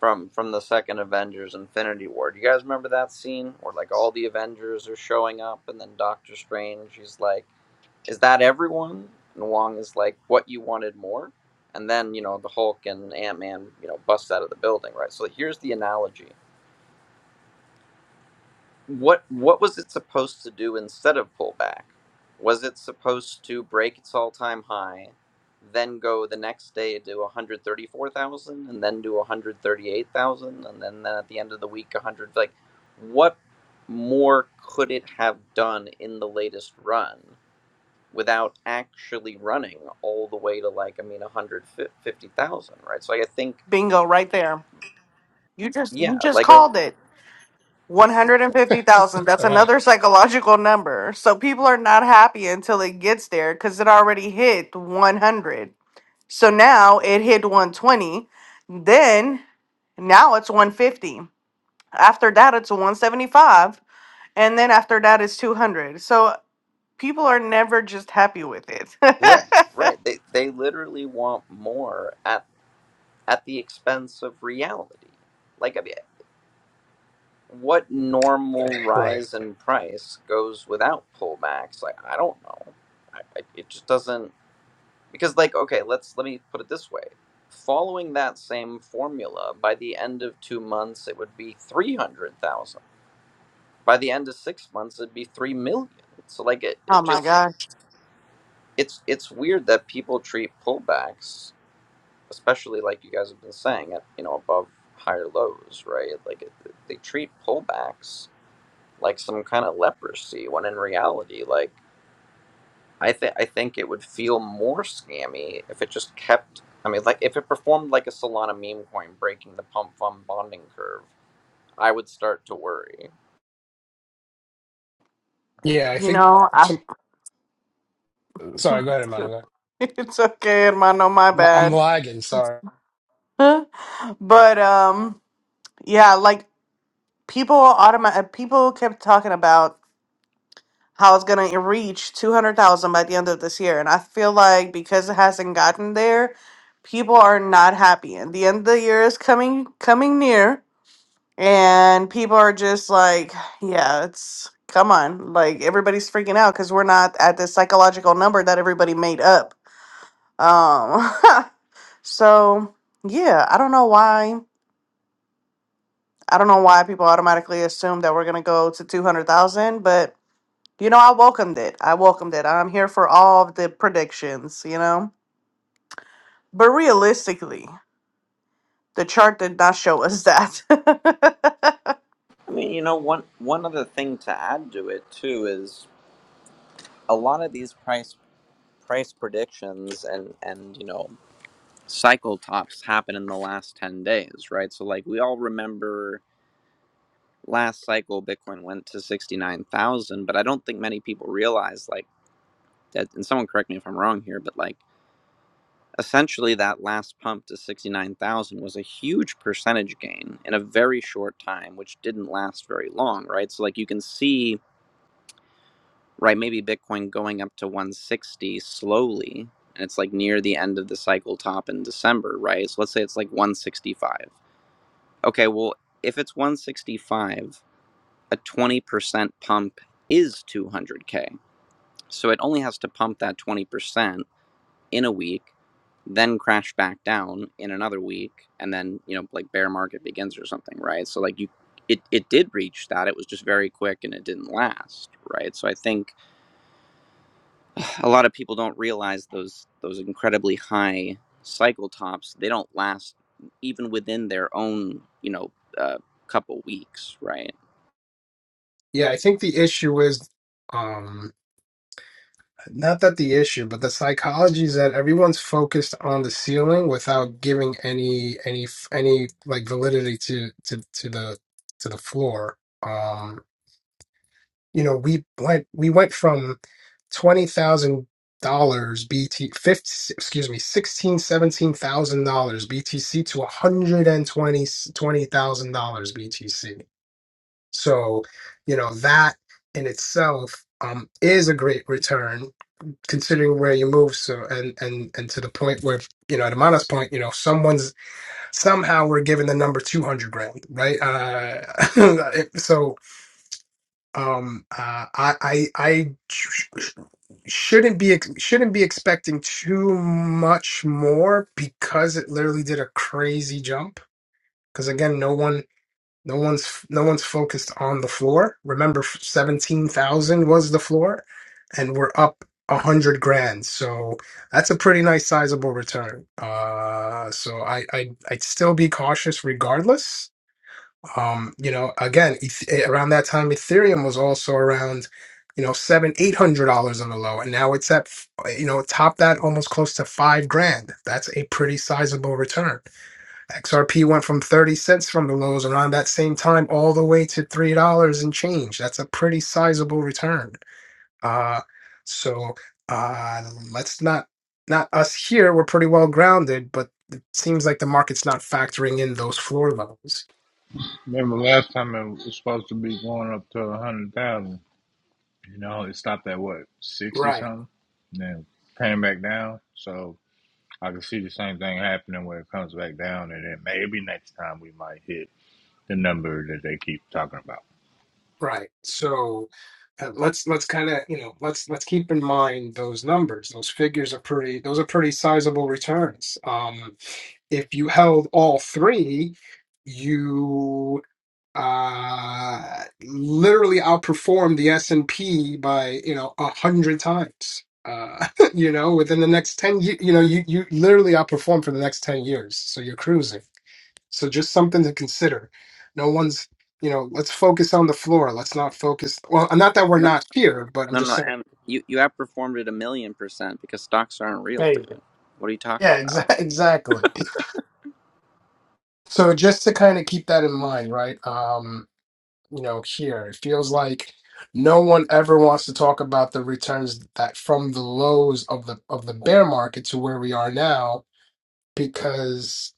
Speaker 4: from from the second Avengers Infinity War. Do you guys remember that scene where like all the Avengers are showing up and then Doctor Strange he's like is that everyone? And Wong is like, what you wanted more? And then, you know, the Hulk and Ant Man, you know, bust out of the building, right? So here's the analogy. What what was it supposed to do instead of pull back? Was it supposed to break its all time high, then go the next day to 134,000 and then to 138,000 and then, then at the end of the week 100 like what more could it have done in the latest run without actually running all the way to like I mean 150,000, right? So like, I think
Speaker 1: *laughs* bingo right there. You just you
Speaker 4: yeah,
Speaker 1: just
Speaker 4: like I mean,
Speaker 1: called it. One hundred and fifty thousand. That's
Speaker 2: All right,
Speaker 1: another psychological number. So people are not happy until it gets there because it already hit one hundred. So now it hit one twenty. Then Now it's 150. After that, it's 175. And then after that, it's 200. So people are never just happy with it.
Speaker 4: right, right. They they literally want more at at the expense of reality. Like I mean, what normal *laughs*
Speaker 2: right.
Speaker 4: rise in price goes without pullbacks? Like I don't know. It, it just doesn't because like okay, let's let me put it this way. Following that same formula, by the end of two months, it would be 300,000 by the end of six months it'd be three million so like it,
Speaker 1: *laughs* oh
Speaker 4: it
Speaker 1: my
Speaker 4: just
Speaker 1: gosh.
Speaker 4: it's it's weird that people treat pullbacks especially like you guys have been saying at you know above higher lows right like it, they treat pullbacks like some kind of leprosy when in reality like i think i think it would feel more scammy if it just kept i mean like if it performed like a solana meme coin breaking the pump fund bonding curve i would start to worry
Speaker 2: Yeah, I
Speaker 1: You
Speaker 2: think.
Speaker 1: know, I,
Speaker 2: Sorry, go ahead, Amanda.
Speaker 1: *laughs* it's okay, hermano, my
Speaker 2: My, I'm
Speaker 1: bad.
Speaker 2: lagging. Sorry.
Speaker 1: *laughs* but um, yeah, like people automatic people kept talking about how it's gonna reach 200,000 by the end of this year. And I feel like because it hasn't gotten there, people are not happy. And the end of the year is coming coming near and people are just like yeah it's come on like everybody's freaking out because we're not at this psychological number that everybody made up um *laughs* so yeah i don't know why i don't know why people automatically assume that we're going to go to 200000 but you know i welcomed it i welcomed it i'm here for all of the predictions you know but realistically the chart did not show us that *laughs*
Speaker 4: i mean you know one one other thing to add to it too is a lot of these price price predictions and and you know cycle tops happen in the last 10 days right so like we all remember last cycle bitcoin went to 69,000 but i don't think many people realize like that and someone correct me if i'm wrong here but like essentially that last pump to 69,000 was a huge percentage gain in a very short time which didn't last very long right so like you can see right maybe bitcoin going up to 160 slowly and it's like near the end of the cycle top in december right so let's say it's like 165 okay well if it's 165 a 20% pump is 200k so it only has to pump that 20% in a week then crash back down in another week and then you know like bear market begins or something right so like you it, it did reach that it was just very quick and it didn't last right so i think a lot of people don't realize those those incredibly high cycle tops they don't last even within their own you know uh, couple weeks right
Speaker 2: Yeah, I think the issue is um not that the issue, but the psychology is that everyone's focused on the ceiling without giving any any any like validity to to to the to the floor. Um, you know, we went we went from twenty thousand dollars BT 50, excuse me sixteen seventeen thousand dollars BTC to one hundred and twenty twenty thousand dollars BTC So, you know, that in itself um, is a great return considering where you move. So, and, and, and to the point where, you know, at Amana's point, you know, someone's somehow we're given the number 200 grand, right? Uh, *laughs* so, um, uh, I, I, I sh- sh- shouldn't be, ex- shouldn't be expecting too much more because it literally did a crazy jump. Cause again, no one no one's no one's focused on the floor. Remember, seventeen thousand was the floor, and we're up a hundred grand. So that's a pretty nice, sizable return. Uh, so I, I I'd still be cautious, regardless. Um, you know, again, eth- around that time, Ethereum was also around, you know, seven, eight hundred dollars on the low, and now it's at, you know, top that almost close to five grand. That's a pretty sizable return. XRP went from 30 cents from the lows around that same time all the way to $3 and change. That's a pretty sizable return. Uh, so uh, let's not, not us here, we're pretty well grounded, but it seems like the market's not factoring in those floor levels.
Speaker 3: Remember last time it was supposed to be going up to a hundred thousand. You know, it stopped at what sixty
Speaker 2: Right,
Speaker 3: something, and then came back down. So I can see the same thing happening where it comes back down, and then maybe next time we might hit the number that they keep talking about.
Speaker 2: right. So uh, let's let's kind of you know let's let's keep in mind those numbers those figures are pretty those are pretty sizable returns um if you held all three you uh, literally outperformed the S and P by you know a hundred times. Uh, *laughs* you know, within the next ten, ye- you know, you you literally outperform for the next ten years. So you're cruising. So just something to consider. No one's, you know, let's focus on the floor. Let's not focus. Well, not that we're
Speaker 4: no
Speaker 2: not here, but I'm
Speaker 4: no
Speaker 2: just
Speaker 4: no
Speaker 2: saying.
Speaker 4: and you you outperformed it a million percent because stocks aren't real
Speaker 2: There you go.
Speaker 4: dude what are you talking
Speaker 2: Yeah,
Speaker 4: about
Speaker 2: exa- *laughs* exactly. So just to kind of keep that in mind, right? um, you know, here. It feels like no one ever wants to talk about the returns that from the lows of the of the bear market to where we are now, because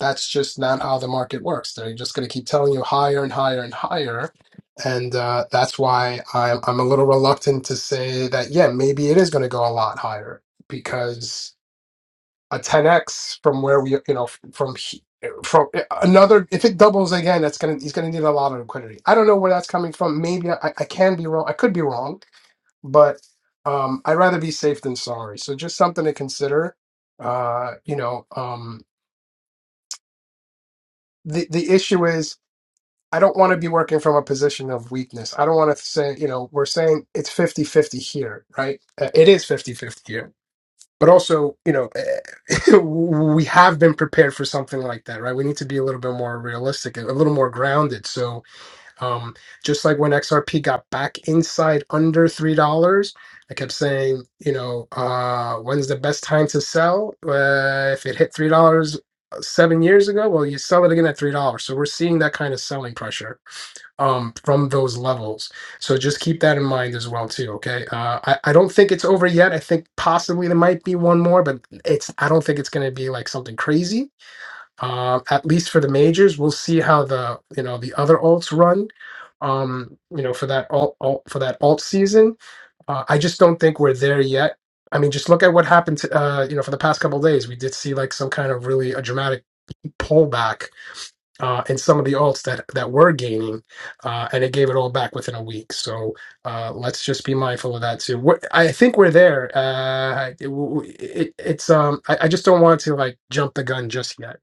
Speaker 2: that's just not how the market works. They're just going to keep telling you higher and higher and higher. And uh, that's why I'm I'm a little reluctant to say that, yeah, maybe it is going to go a lot higher because a 10x from where we you know from he- from eh, another if it doubles again that's gonna he's gonna need a lot of liquidity i don't know where that's coming from maybe i, I can be wrong i could be wrong but um i'd rather be safe than sorry so just something to consider uh you know um the the issue is i don't want to be working from a position of weakness i don't want to say you know we're saying it's 50 50 here right Uh, it is 50 50 here. but also you know *laughs* we have been prepared for something like that right we need to be a little bit more realistic a little more grounded so um just like when xrp got back inside under three dollars i kept saying you know uh when's the best time to sell uh, if it hit three dollars uh, seven years ago well you sell it again at three dollars so we're seeing that kind of selling pressure um from those levels so just keep that in mind as well too okay uh I, I don't think it's over yet i think possibly there might be one more but it's i don't think it's going to be like something crazy um at least for the majors we'll see how the you know the other alts run um you know for that alt, alt for that alt season uh, i just don't think we're there yet i mean just look at what happened to, uh you know for the past couple of days we did see like some kind of really a dramatic pullback uh, and some of the alts that that were gaining, uh, and it gave it all back within a week. So uh, let's just be mindful of that too. We're, I think we're there. Uh, it, it, it's um, I, I just don't want to like jump the gun just yet.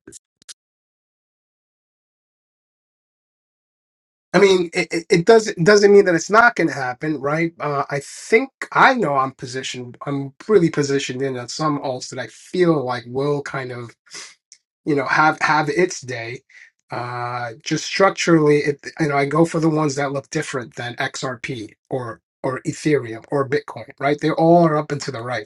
Speaker 2: I mean, it, it it doesn't doesn't mean that it's not going to happen, right? Uh, I think I know I'm positioned. I'm really positioned in on some alts that I feel like will kind of you know have have its day uh just structurally it you know i go for the ones that look different than xrp or or ethereum or bitcoin right they all are up and to the right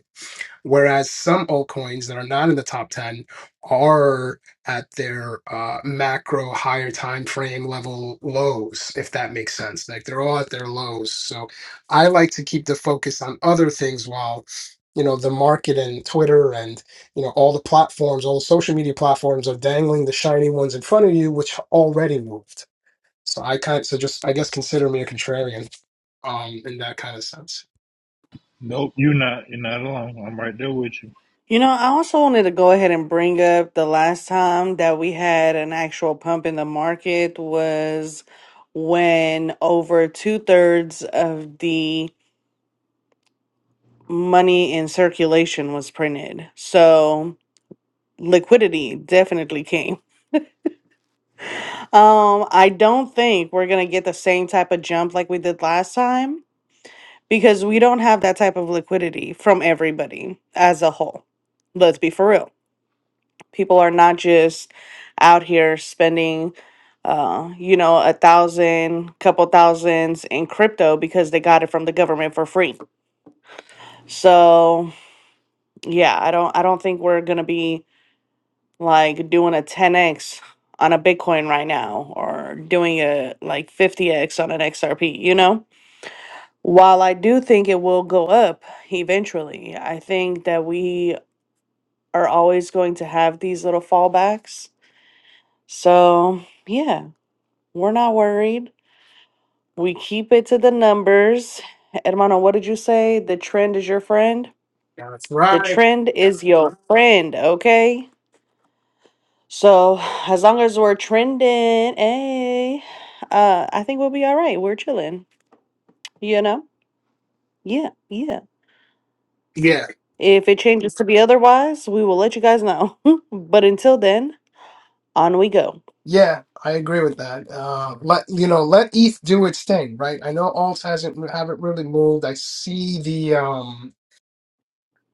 Speaker 2: Whereas some altcoins that are not in the top 10 are at their uh, macro higher time frame level lows, if that makes sense. Like they're all at their lows. So I like to keep the focus on other things while you know the market and Twitter and you know all the platforms, all the social media platforms are dangling the shiny ones in front of you, which already moved. So I kind so just I guess consider me a contrarian um in that kind of sense.
Speaker 3: Nope, you're not. You're not alone. I'm right there with you.
Speaker 1: You know, I also wanted to go ahead and bring up the last time that we had an actual pump in the market was when over two thirds of the money in circulation was printed. So liquidity definitely came. Um, I don't think we're gonna get the same type of jump like we did last time because we don't have that type of liquidity from everybody as a whole. Let's be for real. people are not just out here spending uh you know a thousand couple thousands in crypto because they got it from the government for free so yeah i don't i don't think we're gonna be like doing a 10x on a bitcoin right now or doing a like 50x on an xrp you know while i do think it will go up eventually i think that we are always going to have these little fallbacks so yeah We're not worried. We keep it to the numbers. Hermano, what did you say? The trend is your friend?
Speaker 2: That's
Speaker 1: The
Speaker 2: right.
Speaker 1: trend is your friend, okay? So as long as we're trending, hey, uh, I think we'll be all right. We're chilling, you know? Yeah, yeah.
Speaker 2: Yeah.
Speaker 1: If it changes to be otherwise, we will let you guys know. *laughs* but until then, on we go.
Speaker 2: Yeah, I agree with that. Uh, let you know, let ETH do its thing, right? I know alts hasn't haven't really moved. I see the um,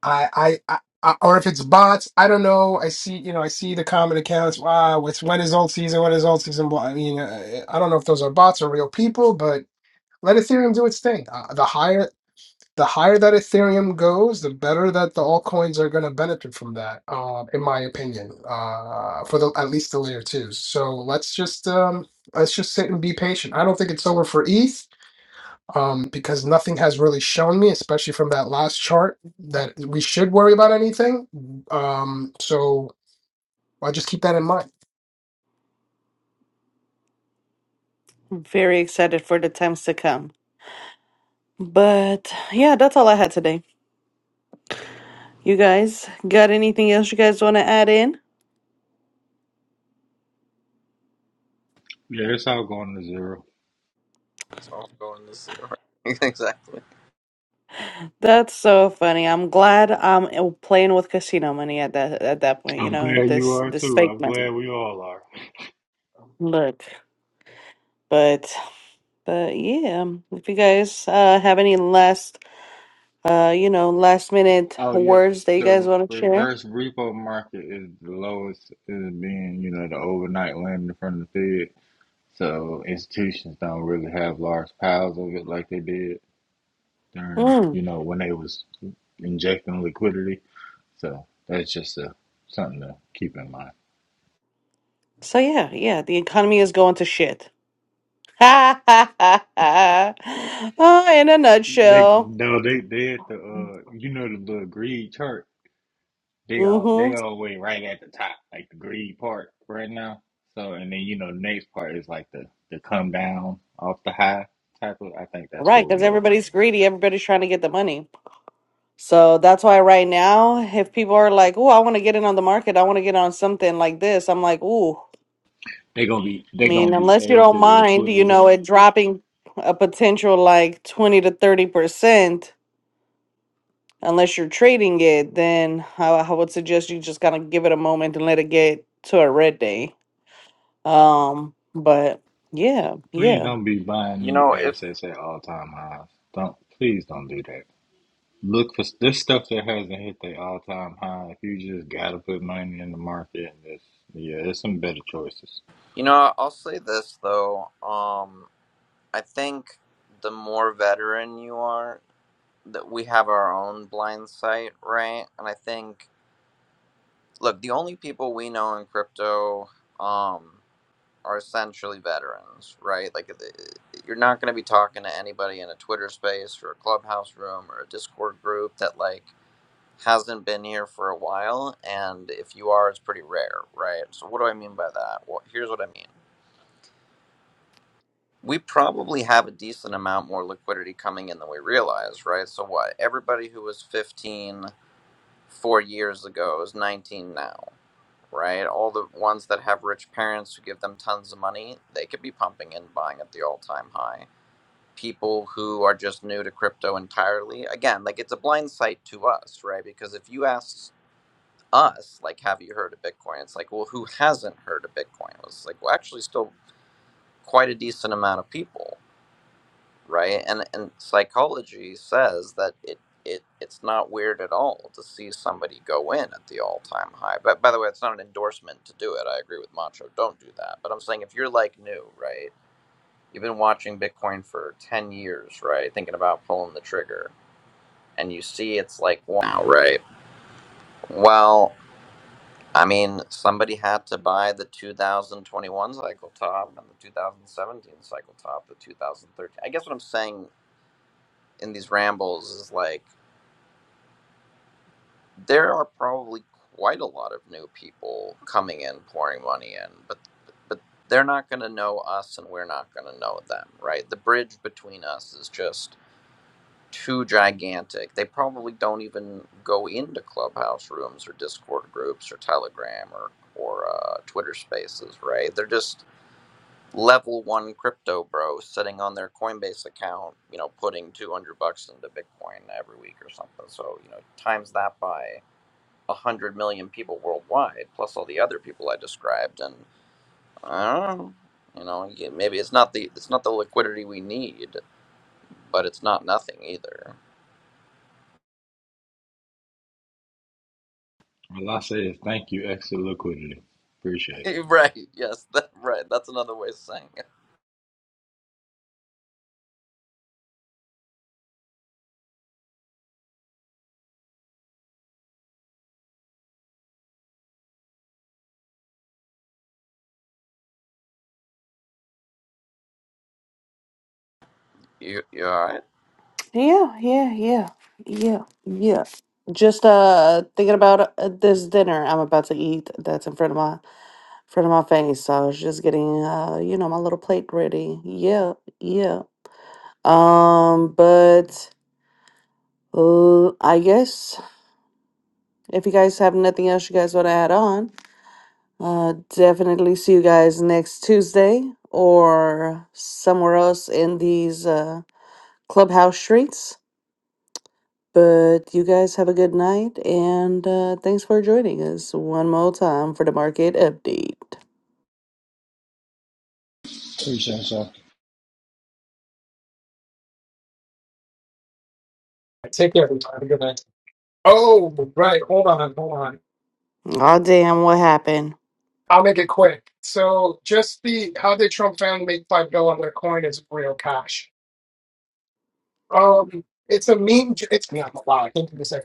Speaker 2: I I. I I- or if it's bots, I don't know. I see, you know, I see the common accounts. Wow, it's when is alt season? When is alt season? Well, I mean, uh, I don't know if those are bots or real people, but let Ethereum do its thing. Uh, the higher the higher that Ethereum goes, the better that the altcoins are going to benefit from that, uh, in my opinion, uh, for the at least the layer twos. So let's just um, let's just sit and be patient. I don't think it's over for ETH um, because nothing has really shown me, especially from that last chart, that we should worry about anything. Um, so I'll just keep that in mind.
Speaker 1: I'm very excited for the times to come. But yeah, that's all I had today. You guys got anything else you guys want to add in?
Speaker 3: Yeah, it's all going to zero.
Speaker 4: it's all going to zero *laughs* exactly
Speaker 1: That's so funny. I'm glad I'm uh, playing with casino money at that at that point, you
Speaker 3: I'm
Speaker 1: know,
Speaker 3: glad you
Speaker 1: this
Speaker 3: are
Speaker 1: this
Speaker 3: too.
Speaker 1: fake
Speaker 3: I'm
Speaker 1: money.
Speaker 3: glad we all are.
Speaker 1: Look, but but yeah, if you guys uh have any last uh you know, last minute
Speaker 3: Oh yeah,
Speaker 1: words that you guys
Speaker 3: the
Speaker 1: want to share.
Speaker 3: reverse repo market is the lowest is being, you know, the overnight lending from the Fed. So institutions don't really have large piles of it like they did during,
Speaker 1: Mm.
Speaker 3: you know, when they was injecting liquidity. So that's just a, something to keep in mind.
Speaker 1: So yeah, yeah, the economy is going to shit. *laughs* Oh, in a
Speaker 3: They
Speaker 1: nutshell.
Speaker 3: no, they they at the uh, you know the little greed chart. They all
Speaker 1: Mm-hmm.
Speaker 3: they always right at the top, like the greed part right now. So and then you know the next part is like the the come down off the high type of. I think that's
Speaker 1: Right,
Speaker 3: where
Speaker 1: because
Speaker 3: we at right
Speaker 1: everybody's
Speaker 3: now.
Speaker 1: greedy, everybody's trying to get the money. So that's why right now, if people are like, "Oh, I want to get in on the market. I want to get on something like this," I'm like, "Ooh, I
Speaker 3: They gonna be they
Speaker 1: mean,
Speaker 3: gonna be
Speaker 1: unless you don't
Speaker 3: exit
Speaker 1: mind, you
Speaker 3: liquidity.
Speaker 1: know, it dropping a potential like twenty to thirty percent, unless you're trading it, then I, I would suggest you just kind of give it a moment and let it get to a red day." Um, but yeah,
Speaker 3: Please
Speaker 1: yeah.
Speaker 3: don't be buying
Speaker 4: you
Speaker 3: these
Speaker 4: know if
Speaker 3: assets at all time highs. Don't please don't do that. Look for this stuff that hasn't hit the all time high. If you just gotta put money in the market, and this yeah, there's some better choices.
Speaker 4: you know i'll say this though um i think the more veteran you are that we have our own blind sight right and i think look, the only people we know in crypto um, are essentially veterans, right? Like, uh, you're not going to be talking to anybody in a Twitter space or a clubhouse room or a Discord group that, like, hasn't been here for a while. And if you are, it's pretty rare, right? So, what do I mean by that? Well, here's what I mean. We probably have a decent amount more liquidity coming in than we realize, right? So, what? Everybody who was 15 four years ago is 19 now right? All the ones that have rich parents who give them tons of money, they could be pumping and buying at the all time high. People who are just new to crypto entirely, again, like it's a blind sight to us, right? Because if you ask us, like, have you heard of Bitcoin? It's like, well, who hasn't heard of Bitcoin? It's like, well, actually, still quite a decent amount of people right? And and psychology says that it it it's not weird at all to see somebody go in at the all time high. But by the way, it's not an endorsement to do it. I agree with Macho. Don't do that. But I'm saying if you're like new, right? You've been watching Bitcoin for ten years, right? Thinking about pulling the trigger, and you see it's like wow, right? Well. I mean, somebody had to buy the 2021 cycle top and the 2017 cycle top, the 2013. I guess what I'm saying in these rambles is like there are probably quite a lot of new people coming in pouring money in but but they're not going to know us and we're not going to know them right the bridge between us is just too gigantic they probably don't even go into clubhouse rooms or discord groups or telegram or or uh, twitter spaces right they're just level one crypto bro sitting on their coinbase account you know putting 200 bucks into bitcoin every week or something so you know times that by 100 million people worldwide plus all the other people i described and i don't know you know yeah, maybe it's not the it's not the liquidity we need but it's not nothing either
Speaker 3: All I say is thank you, exit liquidity. Appreciate
Speaker 4: *laughs* right yes that, right that's another way of saying it you, you all right?
Speaker 1: Yeah, yeah, yeah, yeah, yeah. Just uh thinking about uh, this dinner I'm about to eat that's in front of my front of my face. So I was just getting uh, you know, my little plate ready. Yeah, yeah. Um, but uh, I guess if you guys have nothing else you guys want to add on, uh definitely see you guys next Tuesday or somewhere else in these uh clubhouse streets. But you guys have a good night, and uh, thanks for joining us one more time for the market update.
Speaker 3: it.
Speaker 2: Take care. everybody. Have a good night. Oh, right. Hold on. Hold on.
Speaker 1: Oh, damn, what happened?
Speaker 2: I'll make it quick. So just the how did Trump family make five dollar coin is real cash. Um, it's a meme. j- It's yeah, I'm wow. I think it's a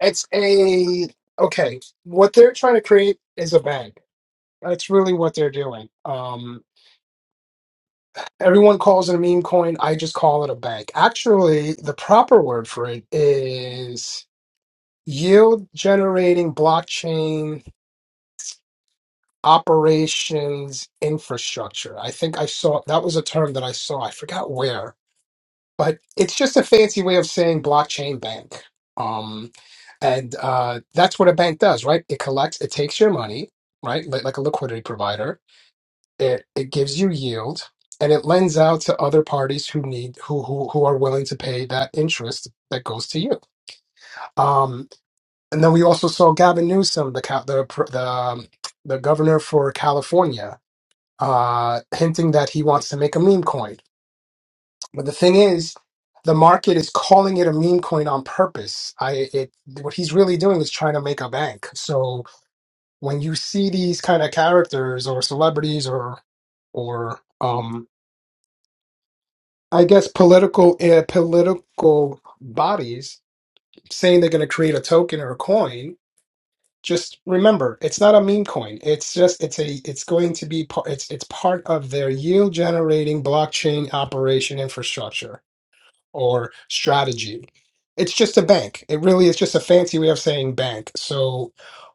Speaker 2: it's a okay. What they're trying to create is a bank. That's really what they're doing. Um, everyone calls it a meme coin. I just call it a bank. Actually, the proper word for it is yield generating blockchain operations infrastructure. I think I saw that was a term that I saw. I forgot where, but it's just a fancy way of saying blockchain bank. Um, and uh, that's what a bank does, right? It collects, it takes your money, right? Like, like a liquidity provider. It it gives you yield, and it lends out to other parties who need who who who are willing to pay that interest that goes to you. Um, and then we also saw Gavin Newsom, the ca- the pr- the um, the governor for California uh, hinting that he wants to make a meme coin. But the thing is, the market is calling it a meme coin on purpose. I it what he's really doing is trying to make a bank. So when you see these kind of characters or celebrities or or um I guess political uh, political bodies saying they're going to create a token or a coin just remember it's not a meme coin it's just it's a it's going to be part it's it's part of their yield generating blockchain operation infrastructure or strategy it's just a bank it really is just a fancy way of saying bank so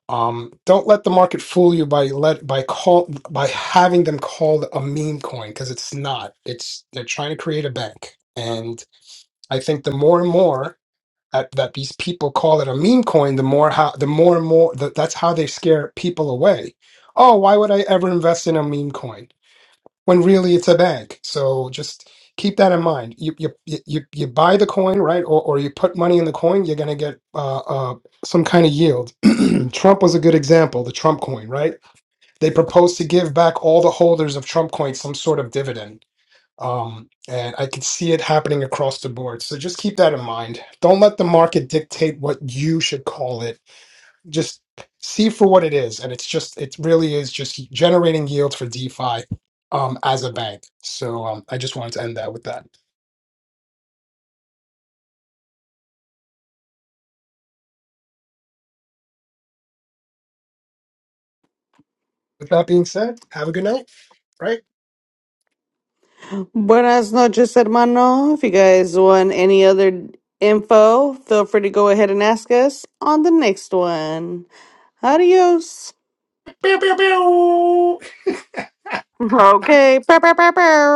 Speaker 2: um don't let the market fool you by let by call by having them called a meme coin because it's not it's they're trying to create a bank and i think the more and more at, that these people call it a meme coin, the more how the more and more that that's how they scare people away. Oh, why would I ever invest in a meme coin when really it's a bank? So just keep that in mind. You you you, you you buy the coin, right, or or you put money in the coin, you're gonna get uh, uh, some kind of yield. *clears throat* Trump was a good example, the Trump coin, right? They proposed to give back all the holders of Trump coin some sort of dividend um, and I could see it happening across the board. So just keep that in mind. Don't let the market dictate what you should call it. Just see for what it is. And it's just, it really is just generating yield for DeFi um, as a bank. So um, I just wanted to end that with that. With that being said, have a good night, right?
Speaker 1: Buenas noches, hermano. If you guys want any other info, feel free to go ahead and ask us on the next one. Adios. *laughs*
Speaker 2: Pew, pew, pew.
Speaker 1: Okay. Bow, bow, bow, bow.